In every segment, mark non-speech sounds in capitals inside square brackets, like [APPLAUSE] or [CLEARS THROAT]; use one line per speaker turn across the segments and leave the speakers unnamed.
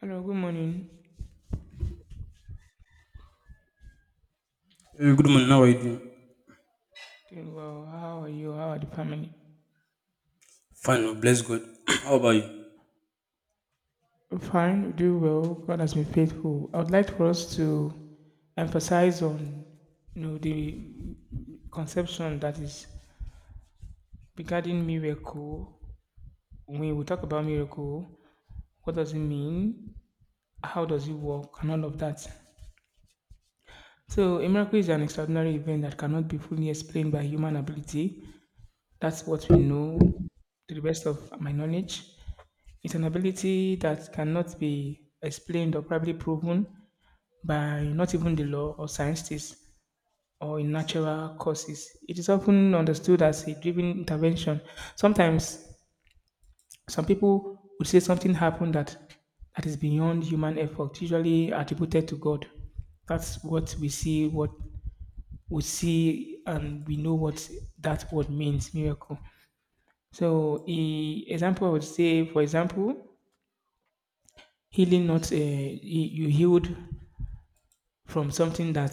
Hello, good morning.
Hey, good morning. How are you doing?
Doing well. How are you? How are the family?
Fine, oh, bless God. [CLEARS THROAT] How about you?
I'm fine. We do well. God has been faithful. I would like for us to emphasize on the conception that is regarding miracle. When we talk about miracle, what does it mean? How does it work? And all of that. So a miracle is an extraordinary event that cannot be fully explained by human ability. That's what we know, to the best of my knowledge. It's an ability that cannot be explained or probably proven by not even the law or scientists or in natural causes. It is often understood as a driven intervention. Sometimes some people would say something happened that is beyond human effort, usually attributed to God. That's what we see, and we know what that word means, miracle. So, e example, I would say, for example, healing. Not You healed from something that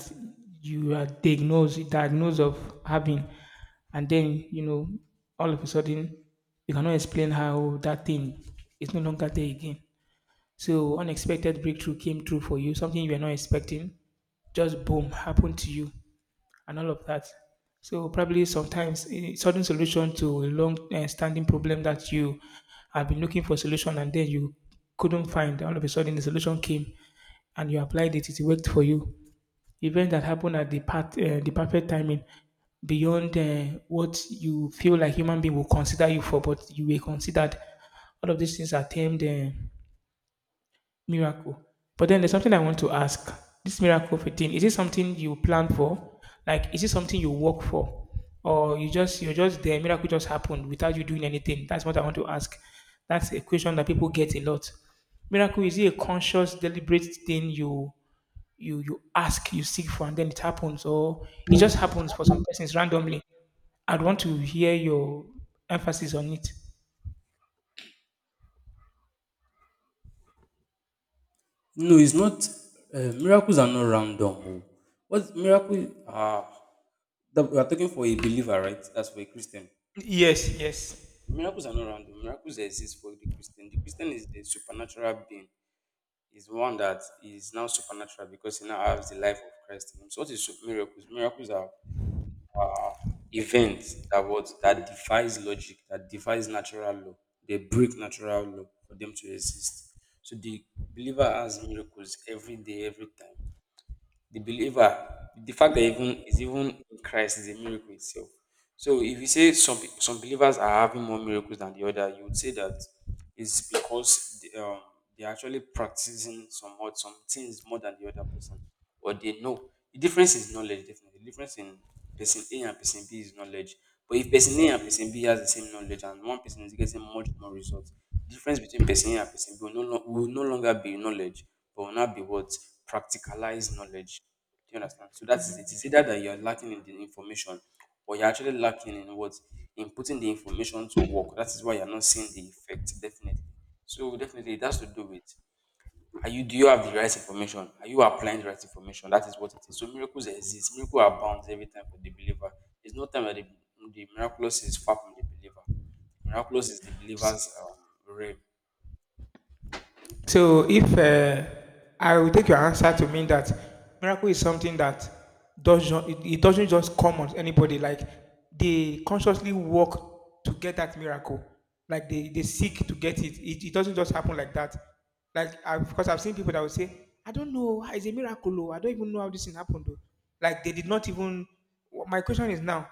you are diagnosed of having, and then all of a sudden you cannot explain how that thing is no longer there again. So unexpected breakthrough came through for you, something you were not expecting, just boom, happened to you, and all of that. So probably sometimes a sudden solution to a long, standing problem that you have been looking for solution and then you couldn't find. All of a sudden the solution came and you applied it. It worked for you. Event that happened at the part, the perfect timing, beyond what you feel like human being will consider you for, but you were considered. All of these things are termed, miracle. But then there's something I want to ask. This miracle thing, is it something you plan for? Like, is it something you work for? Or you just, you're just there, miracle just happened without you doing anything? That's what I want to ask. That's a question that people get a lot. Miracle, is it a conscious, deliberate thing you ask, you seek for, and then it happens? Or it just happens for some persons randomly? I'd want to hear your emphasis on it.
No, it's not. Miracles are not random. Oh. What miracle? Ah, that, we are talking for a believer, right? That's for a Christian.
Yes, yes.
Miracles are not random. Miracles exist for the Christian. The Christian is a supernatural being. Is one that is now supernatural because he now has the life of Christ in him. So, what is miracles? Miracles are event that what that defies logic, that defies natural law. They break natural law for them to exist. So the believer has miracles every day, every time the believer, the fact that even is even in Christ is a miracle itself. So if you say some believers are having more miracles than the other, you would say that it's because they they're actually practicing somewhat some things more than the other person, or they know. The difference is knowledge, definitely. The difference in person A and person B is knowledge. But if person A and person B has the same knowledge and one person is getting much more results, difference between person A and person B will no longer be knowledge, but will now be what? Practicalized knowledge. Do you understand? So that is it. It's either that you're lacking in the information or you're actually lacking in what? In putting the information to work. That is why you're not seeing the effect, definitely. So definitely it has to do with are you do you have the right information? Are you applying the right information? That is what it is. So miracles exist. Miracles abounds every time for the believer. There's no time that the miraculous is far from the believer, miraculous is the believer's realm.
So if I will take your answer to mean that miracle is something that doesn't it, it doesn't just come on anybody. Like they consciously work to get that miracle. Like they seek to get it. It doesn't just happen like that. Like because I've seen people that will say, I don't know, ah, it's a miracle. Oh, I don't even know how this thing happened. Though. Like they did not even. My question is now,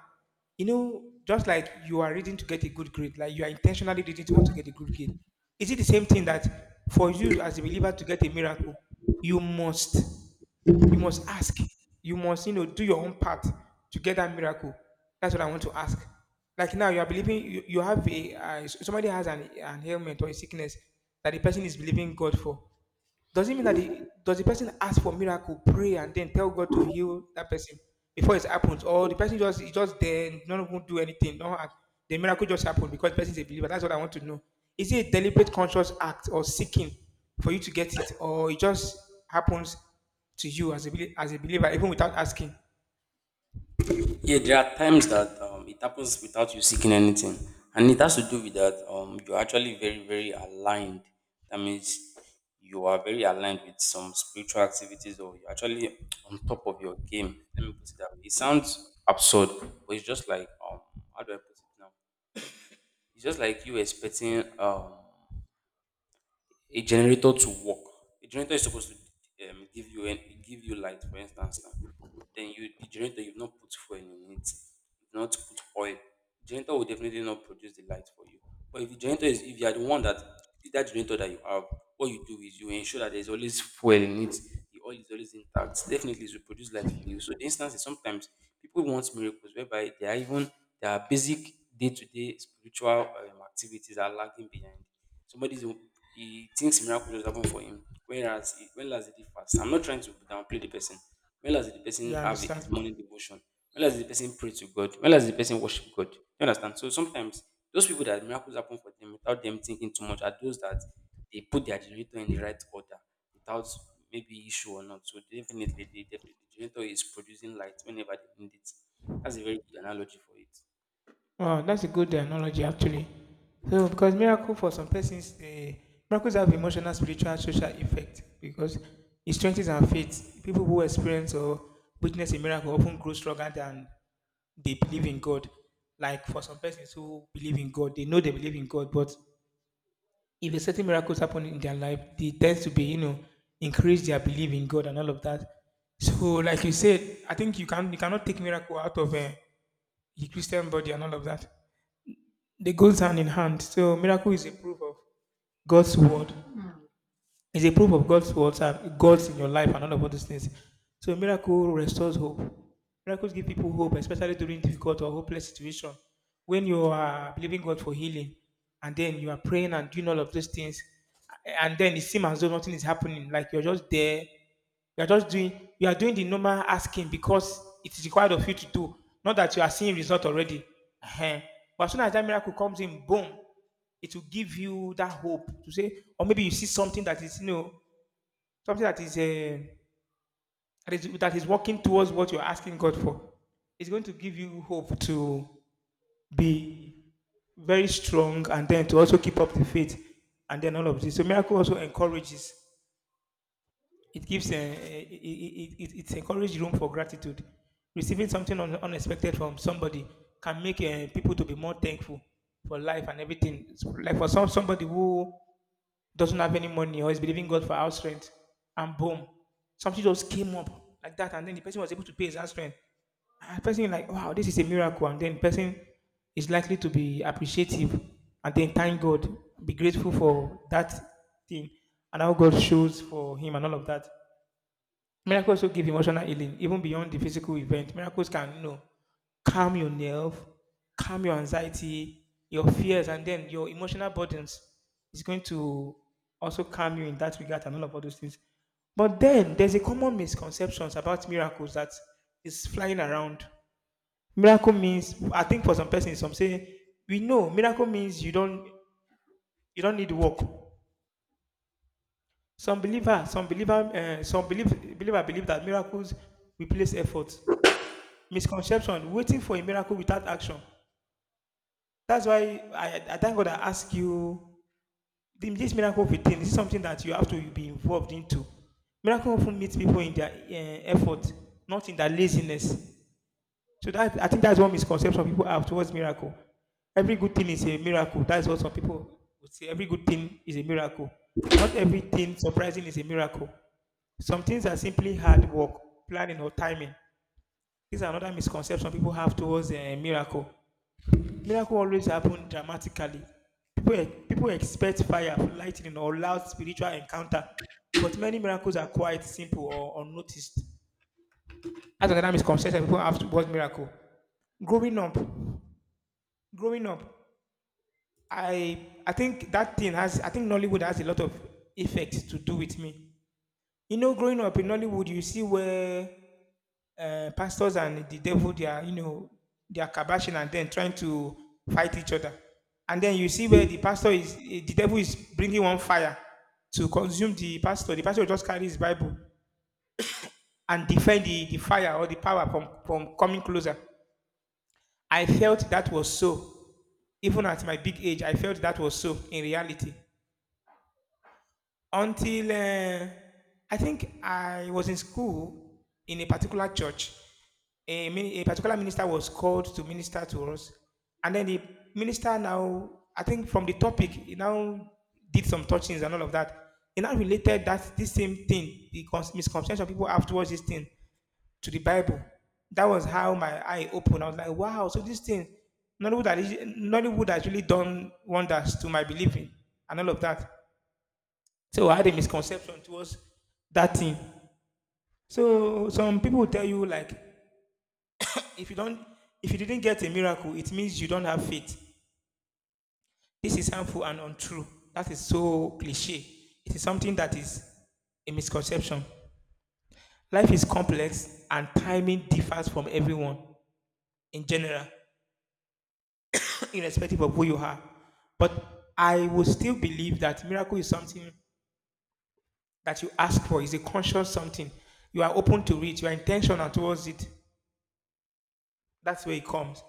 just like you are reading to get a good grade, like you are intentionally reading to want to get a good grade. Is it the same thing that for you as a believer to get a miracle, you must, you must ask, you must, do your own part to get that miracle. That's what I want to ask. Like now, you are believing, you have a somebody has an ailment or a sickness that the person is believing God for. Does it mean that the does the person ask for miracle, pray, and then tell God to heal that person before it happens, or the person just is just there, and not even do anything, no act, the miracle just happened because the person is a believer? That's what I want to know. Is it a deliberate conscious act or seeking for you to get it, or it just happens to you as a as a believer even without asking?
Yeah, there are times that it happens without you seeking anything, and it has to do with that you're actually very, very aligned. That means you are very aligned with some spiritual activities, or you're actually on top of your game. Let me put it that way. It sounds absurd, but it's just like how do I put it now? It's just like you expecting a generator to work. A generator is supposed to give you give you light, for instance. Now. The generator you've not put fuel in it, you've not put oil. Generator will definitely not produce the light for you. But if the generator is if you are the one that that generator that you have, what you do is you ensure that there's always fuel in it. The oil is always intact. Definitely, it will produce light for you. So the instance is sometimes people want miracles whereby they are even their basic day-to-day spiritual activities are lagging behind. Somebody's, he thinks miracle just happen for him, whereas when last did he fast? I'm not trying to downplay the person. When last the
You
person have
understand?
his morning devotion? When last the person pray to God? When last the person worship God? You understand? So sometimes those people that miracles happen for them without them thinking too much are those that they put their generator in the right order without maybe issue or not. So definitely, the generator is producing light whenever they need it. That's a very good analogy for it.
Wow, that's a good analogy actually. So, because miracle for some persons, miracles have emotional, spiritual, social effect because it strengthens our faith. People who experience or witness a miracle often grow stronger than they believe in God. Like for some persons who believe in God, they know they believe in God, but if a certain miracles happen in their life, they tend to be, increase their belief in God and all of that. So, like you said, I think you cannot take miracle out of the Christian body and all of that. They goes hand in hand. So miracle is a proof of God's word. It's a proof of God's words and God's in your life and all of all those things. So miracle restores hope. Miracles give people hope, especially during difficult or hopeless situation. When you are believing God for healing, and then you are praying and doing all of those things, and then it seems as though nothing is happening, like you're just there, you are just doing, you are doing the normal asking because it is required of you to do. Not that you are seeing result already. Ehen. But as soon as that miracle comes in, boom, it will give you that hope to say, or maybe you see something that is, something that is, that is working towards what you're asking God for. It's going to give you hope to be very strong and then to also keep up the faith and then all of this. So miracle also encourages. It gives a, it encourages room for gratitude. Receiving something unexpected from somebody can make people to be more thankful for life and everything. Like for some somebody who doesn't have any money or is believing God for house rent, and boom, something just came up like that, and then the person was able to pay his house rent. And the person is like, wow, this is a miracle, and then the person is likely to be appreciative and then thank God, be grateful for that thing, and how God shows for him and all of that. Miracles will give emotional healing, even beyond the physical event. Miracles can, calm your nerve, calm your anxiety, your fears, and then your emotional burdens is going to also calm you in that regard and all of all those things. But then there's a common misconceptions about miracles that is flying around. Miracle means, I think for some persons, some say we know miracle means you don't need work. Some believer, some believe believer believe that miracles replace effort. Misconception, waiting for a miracle without action. That's why I thank God I ask you this miracle thing. This is something that you have to be involved into. Miracle often meets people in their effort, not in their laziness. So that I think that's one misconception people have towards miracle. Every good thing is a miracle. That's what some people would say. Every good thing is a miracle. Not everything surprising is a miracle. Some things are simply hard work, planning, or timing. These are another misconception people have towards a miracle. Miracles always happen dramatically. People expect fire, lightning, or loud spiritual encounter, but many miracles are quite simple or unnoticed. That's another misconception people have towards miracle. Growing up, growing up, I think that thing has I think Nollywood has a lot of effects to do with me. You know, growing up in Nollywood, you see where pastors and the devil, they are, they are kabashing and then trying to fight each other. And then you see where the pastor is, the devil is bringing one fire to consume the pastor. The pastor will just carry his Bible and defend the fire or the power from coming closer. I felt that was so. Even at my big age, I felt that was so in reality, until I think I was in school in a particular church. A particular minister was called to minister to us, and then the minister now, I think from the topic, he now did some touchings and all of that. He now related that this same thing, the misconception people have towards this thing, to the Bible. That was how my eye opened. I was like, wow, so this thing, Nollywood, Nollywood has really done wonders to my believing and all of that. So I had a misconception towards that thing. So some people will tell you like, if you don't, if you didn't get a miracle, it means you don't have faith. This is harmful and untrue. That is so cliche. It is something that is a misconception. Life is complex and timing differs from everyone in general, [CLEARS THROAT] irrespective of who you are. But I will still believe that miracle is something that you ask for. It's a conscious something. You are open to it, you are intentional towards it. That's where it comes.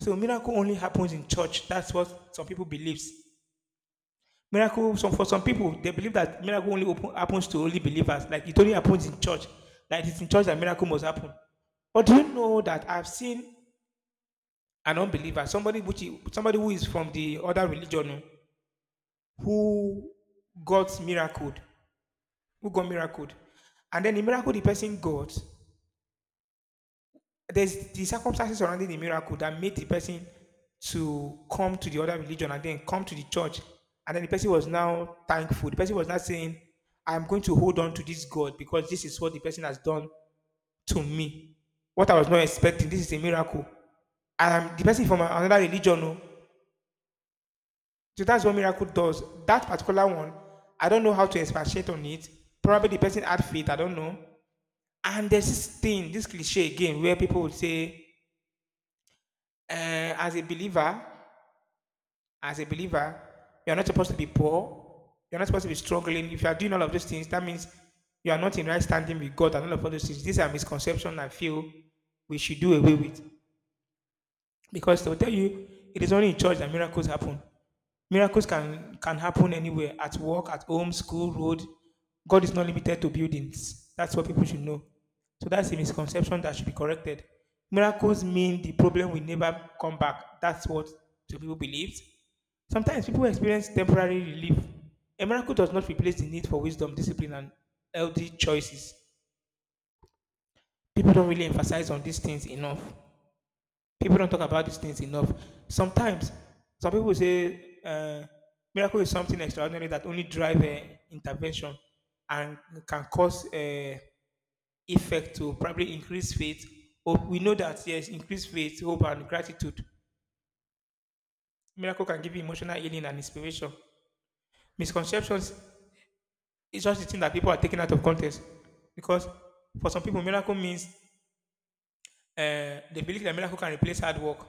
So miracle only happens in church. That's what some people believes. Miracle, some for some people, they believe that miracle happens to only believers. Like it only happens in church. Like it's in church that miracle must happen. But do you know that I've seen an unbeliever, somebody who is from the other religion, who got miracled, who got miracled, and then the miracle the person got there's the circumstances surrounding the miracle that made the person to come to the other religion and then come to the church. And then the person was now thankful. The person was not saying, I'm going to hold on to this God because this is what the person has done to me. What I was not expecting. This is a miracle. And I'm the person from another religion. Oh. So that's what miracle does. That particular one, I don't know how to expatiate on it. Probably the person had faith, I don't know. And there's this thing, this cliche again, where people would say, as a believer, as a believer, you're not supposed to be poor. You're not supposed to be struggling. If you are doing all of those things, that means you are not in right standing with God and all of all those things. These are misconceptions I feel we should do away with, because they'll tell you it is only in church that miracles happen. Miracles can happen anywhere, at work, at home, school, road. God is not limited to buildings. That's what people should know. So that's a misconception that should be corrected. Miracles mean the problem will never come back. That's what some people believe. Sometimes people experience temporary relief. A miracle does not replace the need for wisdom, discipline, and healthy choices. People don't really emphasize on these things enough. People don't talk about these things enough. Sometimes, some people say miracle is something extraordinary that only drive intervention and can cause effect to probably increase faith. Or we know that, yes, increase faith, hope, and gratitude. Miracle can give you emotional healing and inspiration. Misconceptions is just the thing that people are taking out of context, because for some people, miracle means they believe that miracle can replace hard work,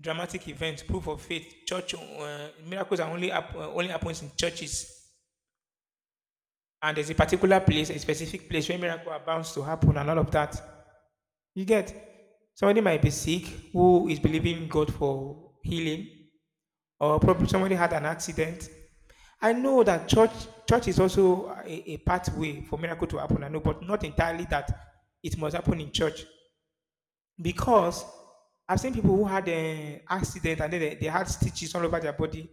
dramatic events, proof of faith. Church, uh, miracles only happens in churches, and there's a particular place, a specific place where miracle are bound to happen, and all of that. You get, somebody might be sick who is believing God for healing, or probably somebody had an accident. I know that church is also a pathway for miracle to happen. I know, but not entirely that it must happen in church, because I've seen people who had an accident and then they had stitches all over their body,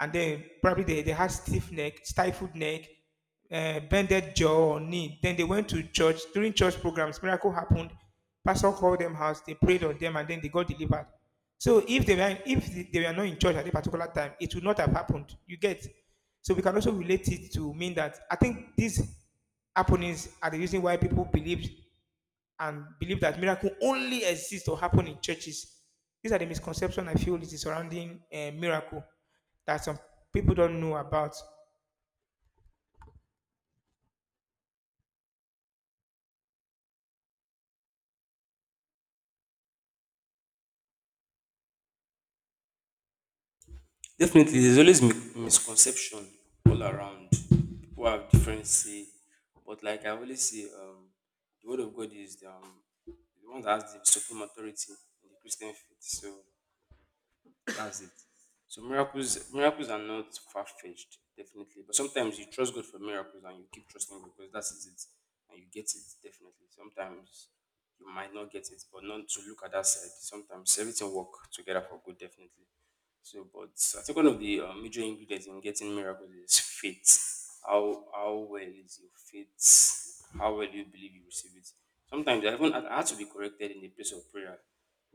and then probably they had stiff neck, stifled neck, bended jaw or knee. Then they went to church during church programs. Miracle happened. Pastor called them house. They prayed on them, and then they got delivered. So if they were not in church at a particular time, it would not have happened. You get. So we can also relate it to mean that I think these happenings are the reason why people believe and believe that miracle only exists or happen in churches. These are the misconception I feel it is surrounding a miracle that some people don't know about.
Definitely, there's always misconception all around. People have different say, but like I always say, the word of God is the one that has the supreme authority in the Christian faith. So that's it. So miracles are not far fetched, definitely. But sometimes you trust God for miracles and you keep trusting God because that's it, and you get it definitely. Sometimes you might not get it, but not to look at that side. Sometimes everything work together for good, definitely. So, but I think one of the major ingredients in getting miracles is faith. How well is your faith? How well do you believe you receive it? Sometimes I had to be corrected in the place of prayer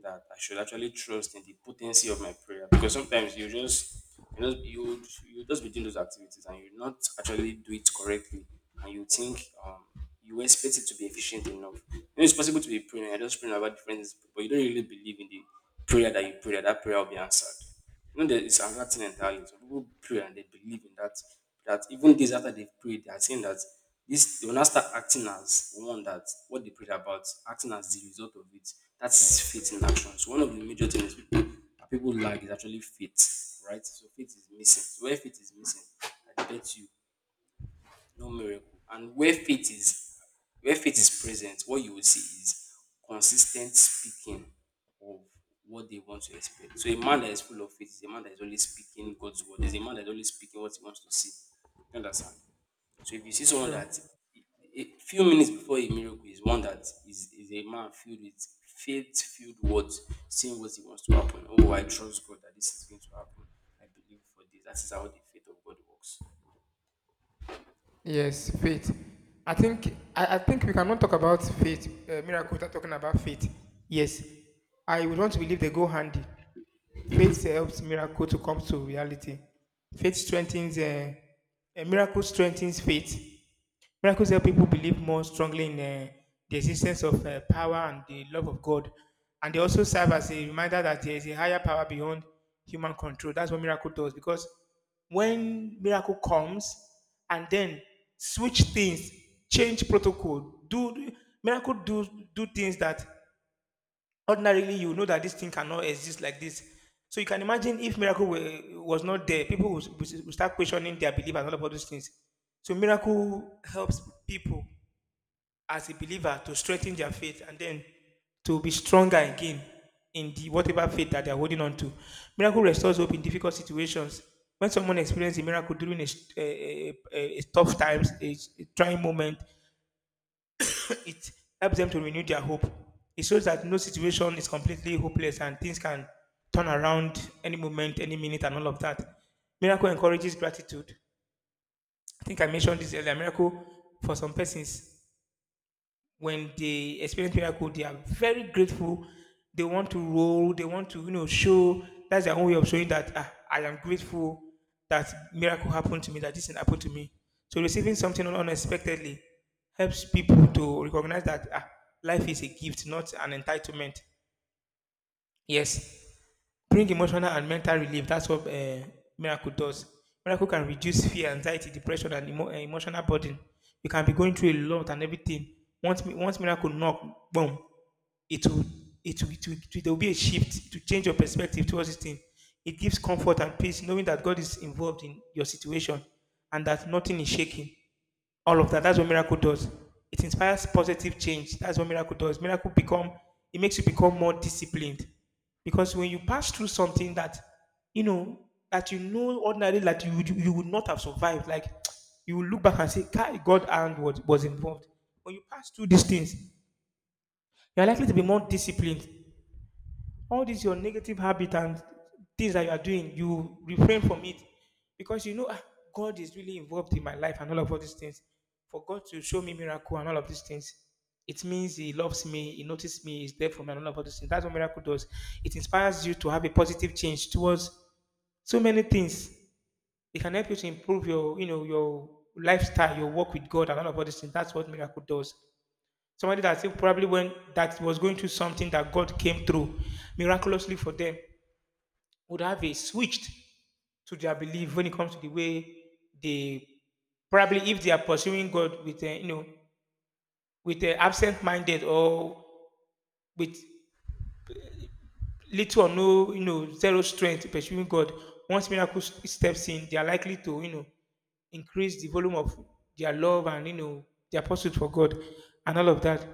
that I should actually trust in the potency of my prayer, because sometimes you just, you know, you would just be doing those activities and you would not actually do it correctly, and you think you expect it to be efficient enough. You know, it's possible to be praying, you're just praying about different things, but you don't really believe in the prayer that you pray, that prayer will be answered. You know, there is another thing entirely. Some people pray and they believe in that, even days after they've prayed, they are saying that this they will not start acting as one that what they prayed about, acting as the result of it. That's faith in action. So one of the major things people that people lack is actually faith, right? So faith is missing. So where faith is missing, I bet you no miracle. And where faith is present, what you will see is consistent speaking of what they want to expect. So a man that is full of faith is a man that is only speaking God's word. Is a man that is only speaking what he wants to see. You understand? So if you see someone
True.
that a few minutes before a miracle is one that is a man filled with faith filled words, seeing what he wants to happen. Oh, I trust God that this is going to happen. I believe for this. That is how the faith of God works.
Yes, faith. I think, I think we cannot talk about miracle without talking about faith. Yes, I would want to believe they go handy. Faith helps miracle to come to reality. Faith strengthens a miracle strengthens faith. Miracles help people believe more strongly in, the existence of, power and the love of God. And they also serve as a reminder that there is a higher power beyond human control. That's what miracle does. Because when miracle comes and then switch things, change protocol, do miracle do do things that ordinarily, you know that this thing cannot exist like this. So you can imagine if was not there, people would start questioning their belief and all of all those things. So miracle helps people as a believer to strengthen their faith and then to be stronger again in the whatever faith that they are holding on to. Miracle restores hope in difficult situations. When someone experiences a miracle during a tough times, a trying moment, it helps them to renew their hope. It shows that no situation is completely hopeless and things can turn around any moment, any minute, and all of that. Miracle encourages gratitude. I think I mentioned this earlier. Miracle, for some persons, when they experience miracle, they are very grateful. They want to roll. They want to, you know, show. That's their own way of showing that, ah, I am grateful that miracle happened to me, that this thing happened to me. So receiving something unexpectedly helps people to recognize that, ah, life is a gift, not an entitlement. Yes, bring emotional and mental relief. That's what miracle does. Miracle can reduce fear, anxiety, depression, and emotional burden. You can be going through a lot and everything. Once once miracle knock, boom, it will it will, there will be a shift to change your perspective towards this thing. It gives comfort and peace, knowing that God is involved in your situation and that nothing is shaking, all of that. That's what miracle does. It inspires positive change. That's what miracle does. Miracle become It makes you become more disciplined, because when you pass through something that you know you know ordinarily that you would not have survived, like you will look back and say, "Kai, God hand was involved." When you pass through these things, you are likely to be more disciplined, all these your negative habit and things that you are doing, you refrain from it because you know, ah, God is really involved in my life and all of all these things. For God to show me miracle and all of these things, it means He loves me, He notices me, He's there for me, and all of all these things. That's what miracle does. It inspires you to have a positive change towards so many things. It can help you to improve your, you know, your lifestyle, your work with God, and all of all these things. That's what miracle does. Somebody that, probably, when that was going through something that God came through miraculously for them, would have a switched to their belief when it comes to the way they, probably if they are pursuing God with a, you know, with a absent-minded, or with little or no, you know, zero strength pursuing God. Once steps in, they are likely to, you know, increase the volume of their love and, you know, their pursuit for God and all of that.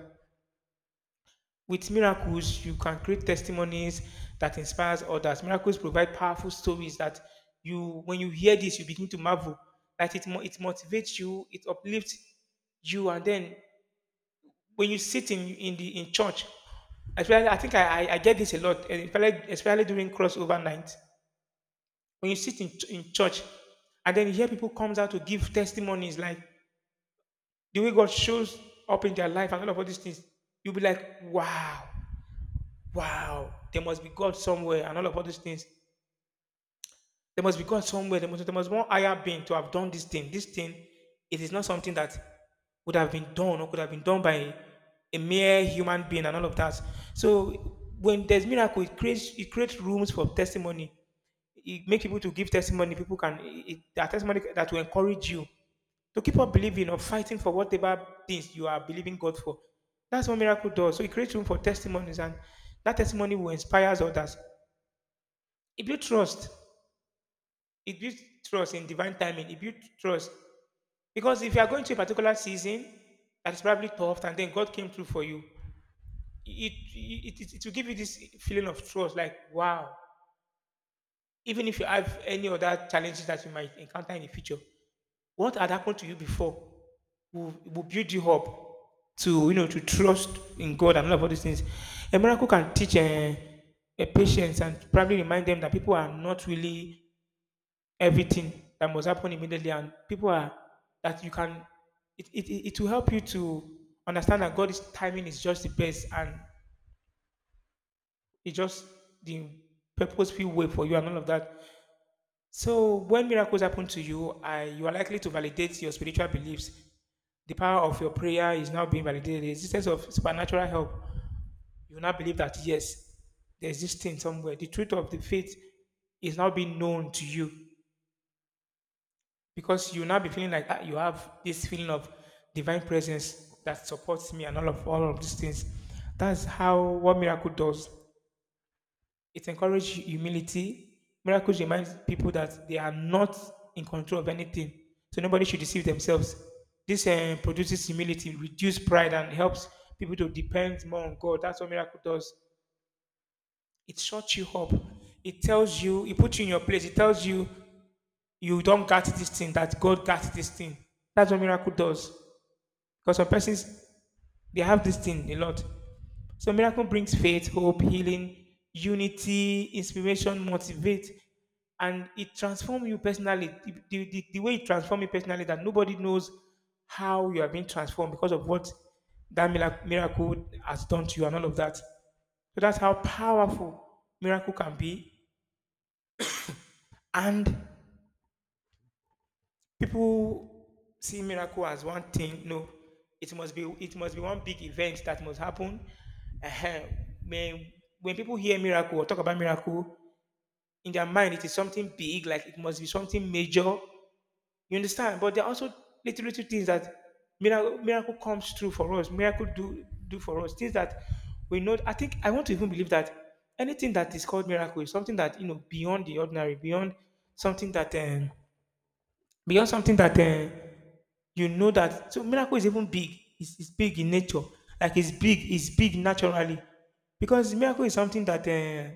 With miracles, you can create testimonies that inspires others. Miracles provide powerful stories that you, when you hear this, you begin to marvel. That it motivates you, it uplifts you, and then when you sit in church, especially, I think I get this a lot, and especially during crossover night. When you sit in church, and then you hear people comes out to give testimonies like the way God shows up in their life and all of all these things, you'll be like, wow, there must be God somewhere and all of all these things. There must be God somewhere. There must be one higher being to have done this thing. This thing, it is not something that would have been done or could have been done by a mere human being and all of that. So when there's miracle, it creates rooms for testimony. It makes people to give testimony. People can it, it- There are testimony that will encourage you to keep on believing or fighting for whatever things you are believing God for. That's what miracle does. So it creates room for testimonies, and that testimony will inspire others. It builds trust. It builds trust in divine timing. It builds trust because if you are going to a particular season that is probably tough, and then God came through for you, it it will give you this feeling of trust, like wow. Even if you have any other challenges that you might encounter in the future, what had happened to you before will build you up to, you know, to trust in God and all of all these things. A miracle can teach a patience and probably remind them that people are not really everything that must happen immediately and people are that you can it will help you to understand that God's timing is just the best and it's just the purposeful way for you and all of that. So when miracles happen to you you are likely to validate your spiritual beliefs. The power of your prayer is now being validated, the existence of supernatural help. You now believe that yes, there's this thing somewhere. The truth of the faith is now being known to you, because you now be feeling like you have this feeling of divine presence that supports me and all of these things. That's how what miracle does. It encourages humility. Miracles remind people that they are not in control of anything, so nobody should deceive themselves. This produces humility, reduce pride, and helps people to depend more on God. That's what miracle does. It shuts you up. It tells you, it puts you in your place. It tells you you don't get this thing, that God got this thing. That's what miracle does. Because some persons, they have this thing a lot. So miracle brings faith, hope, healing, unity, inspiration, motivate, and it transforms you personally. The way it transforms you personally, that nobody knows how you are being transformed because of what that miracle has done to you and all of that. So that's how powerful miracle can be. And people see miracle as one thing. No, it must be one big event that must happen. uh When when people hear miracle or talk about miracle, in their mind it is something big, like it must be something major. You understand? But there are also little things that miracle comes through for us. Miracle do for us things that we know. I think I want to even believe that anything that is called miracle is something that, you know, beyond the ordinary, something that um, beyond something that you know that, so miracle is even big. It's big in nature, like it's big naturally, because miracle is something that,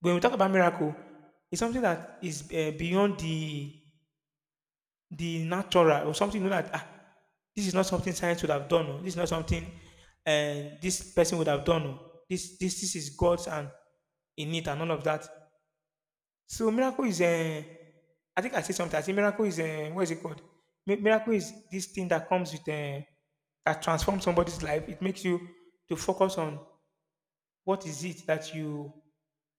when we talk about miracle, it's something that is beyond the natural, or something, you know, that this is not something science would have done, oh. This is not something, this person would have done, oh. This is God's and in it and all of that. So miracle is I think I said something. I said miracle is, what is it called? Miracle is this thing that comes with, that transforms somebody's life. It makes you to focus on what is it that you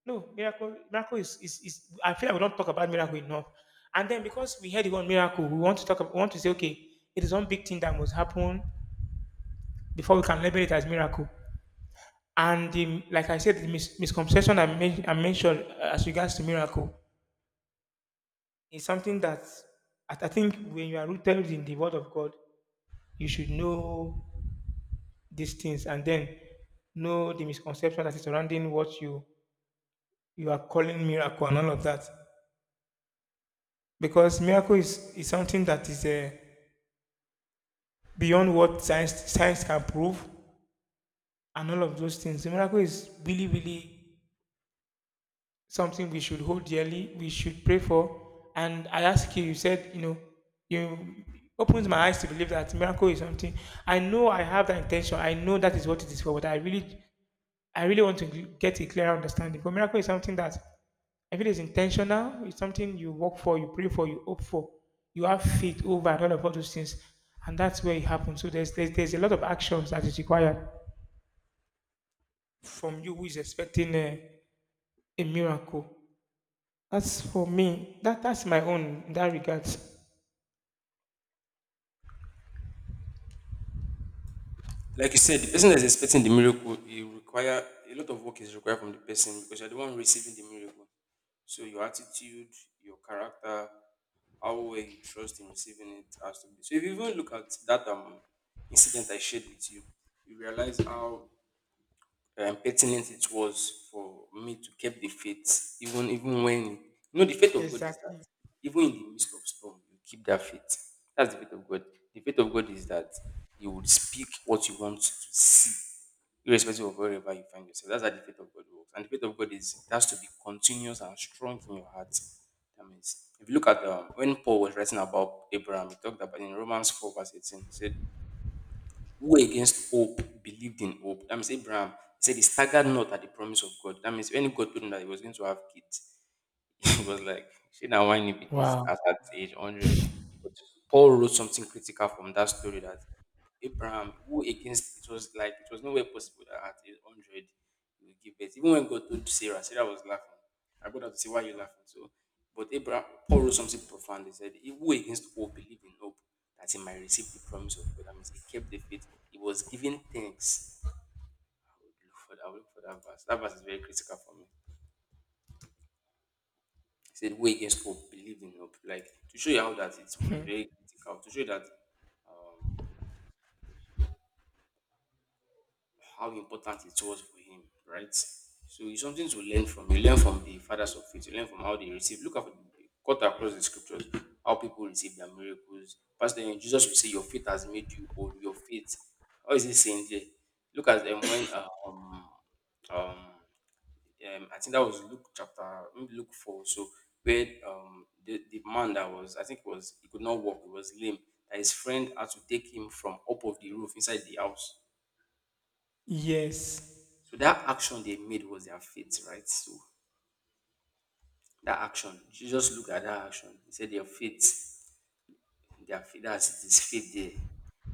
no miracle. Miracle is I feel like we don't talk about miracle enough. And then, because we heard the word miracle, we want to talk. We want to say, okay, it is one big thing that must happen before we can label it as miracle. And the, like I said, the misconception I mentioned, as regards to miracle. It's something that I think when you are rooted in the Word of God, you should know these things and then know the misconception that is surrounding what you are calling miracle and all of that. Because miracle is something that is, beyond what science can prove and all of those things. The miracle is really something we should hold dearly, we should pray for. And I ask you, you said, you know, you opens my eyes to believe that miracle is something. I know I have that intention. I know that is what it is for, but I really want to get a clearer understanding. But miracle is something that I feel is intentional. It's something you work for, you pray for, you hope for. You have faith over and all those things, and that's where it happens. So there's a lot of actions that is required from you who is expecting a miracle. As for me, that's my own in that regard.
Like you said, the person that's expecting the miracle, you require a lot of work is required from the person because you're the one receiving the miracle. So your attitude, your character, how well you trust in receiving it has to be. So if you even look at that incident I shared with you, you realize how pertinent it was for me to keep the faith, even when you know the faith of God is that
Exactly.
even in the midst of storm, you keep that faith. That's the faith of God. The faith of God is that He would speak what you want to see, irrespective of wherever you find yourself. That's how the faith of God works. And the faith of God is it has to be continuous and strong in your heart. That means if you look at when Paul was writing about Abraham, he talked about in Romans 4, verse 18, he said, who against hope believed in hope. That means Abraham, he said he staggered not at the promise of God. That means when God told him that he was going to have kids, [LAUGHS] it was like, she now why me be this
Wow.
at that age 100. But Paul wrote something critical from that story that Abraham, who against it was like it was nowhere possible that at age 100 he would give birth. Even when God told Sarah, Sarah was laughing. I got her to say, why are you laughing? So, but Abraham, Paul wrote something profound. He said, he who against all believed in hope that he might receive the promise of God. That means he kept the faith, he was giving thanks. I would look for that verse. That verse is very critical for me. He said, where against hope, believe in hope. Like to show you how that it was very critical, to show that how important it was for him, right? So it's something to learn from. You learn from the fathers of faith. You learn from how they receive. Look at Cut across the scriptures, how people receive their miracles. Pastor eh, Jesus will say, your faith has made you old. Your faith. How is he saying there? Look at them when um I think that was Luke chapter maybe Luke four. So where the man that was, I think it was he could not walk, he was lame. That his friend had to take him from up of the roof inside the house.
Yes.
So that action they made was their faith, right? So that action, you just look at that action. He said their faith. That's it is faith there. So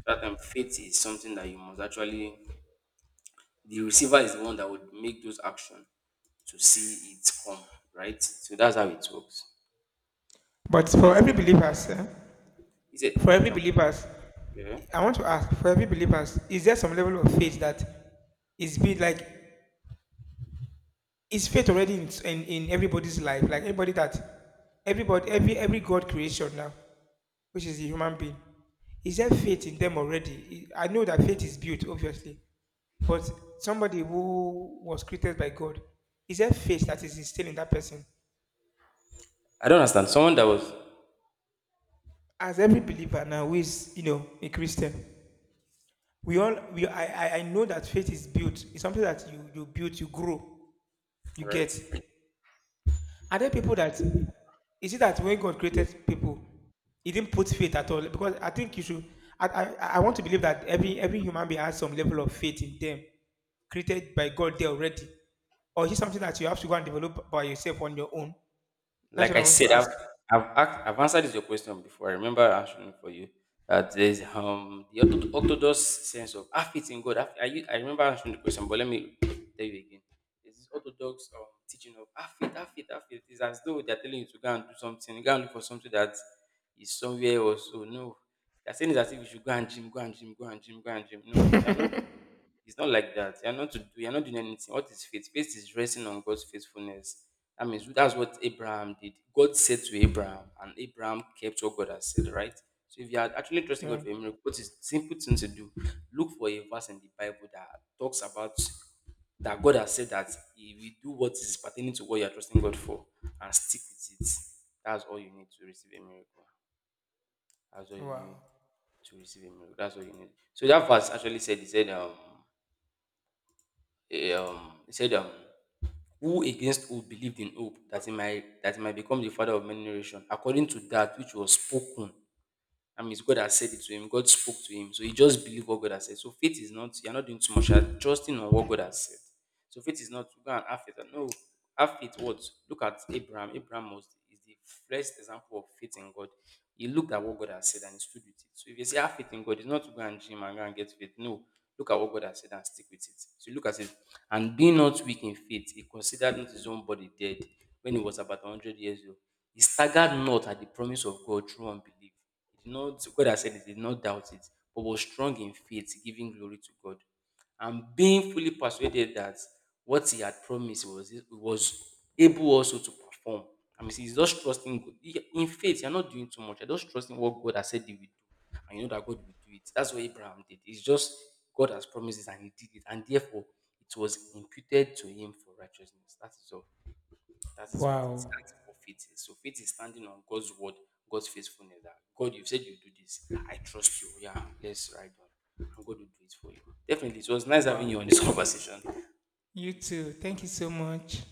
that time faith is something that you must actually. The receiver is the one that would make those action to see it come, right? So that's how it works.
But
So
for every believers,
he said,
for every
okay, I'm-
believers,
yeah.
I want to ask, for every believers, is there some level of faith that is being like, is faith already in everybody's life? Like everybody that everybody every God creation now, which is the human being. Is there faith in them already? I know that faith is built, obviously. But somebody who was created by God, is there faith that is instilled in that person?
I don't understand. Someone that was
As every believer now who is, you know, a Christian, we all we I know that faith is built. It's something that you build, you grow, you get.
right.
Are there people that, is it that when God created people, he didn't put faith at all? Because I think you should I, I, I want to believe that every human being has some level of faith in them, created by God there already. Or is it something that you have to go and develop by yourself on your own? That's
Like
what I
I
want to
said,
ask.
I've, asked, I've answered this your question before. I remember answering for you that there's the orthodox sense of I fit in God. I remember answering the question, but let me tell you again. There's this orthodox teaching of I fit. It's as though they're telling you to go and do something, go and look for something that is somewhere else. So no, they're saying it's as if you should go and gym, go and gym, go and gym, go and gym. No, you're not. It's not like that. You're not to do, you're not doing anything. What is faith? Faith is resting on God's faithfulness. That means that's what Abraham did. God said to Abraham, and Abraham kept what God has said, right? So if you are actually trusting God
Yeah.
for a miracle, what is simple thing to do? Look for a verse in the Bible that talks about that God has said that He will do what is pertaining to what you are trusting God for, and stick with it. That's all you need to receive a miracle. That's all you need
Wow.
to receive a miracle. That's all you need. So that verse actually said, he said, eh, um, he said, um, "Who against who believed in hope that he might become the father of many nations, according to that which was spoken," that means God has said it to him. God spoke to him. So he just believed what God has said. So faith is not, you're not doing too much. You're trusting on what God has said. So faith is not to go and have faith. No, have faith what? Look at Abraham. Abraham was is the first example of faith in God. He looked at what God has said and he stood with it. So if you say have faith in God, it's not to go and dream and go and get faith. No. Look at what God has said and stick with it. So look at it. And being not weak in faith, he considered not his own body dead when he was about 100 years old. He staggered not at the promise of God through unbelief. He did not, God has said, he did not doubt it, but was strong in faith, giving glory to God. And being fully persuaded that what he had promised was, he was able also to perform. I mean, he's just trusting God. He- in faith, you're not doing too much. You're just trusting what God has said he will do. And you know that God will do it. That's what Abraham did. It's just God has promised it and he did it. And therefore, it was imputed to him for righteousness. That is all. That is what it
Wow.
stands for faith is. So faith is standing on God's word, God's faithfulness. That God, you have said you do this. I trust you. Yeah, let's ride on. I'm going to do it for you. Definitely, it was nice having you
Wow.
on this [LAUGHS] conversation.
You too. Thank you so much.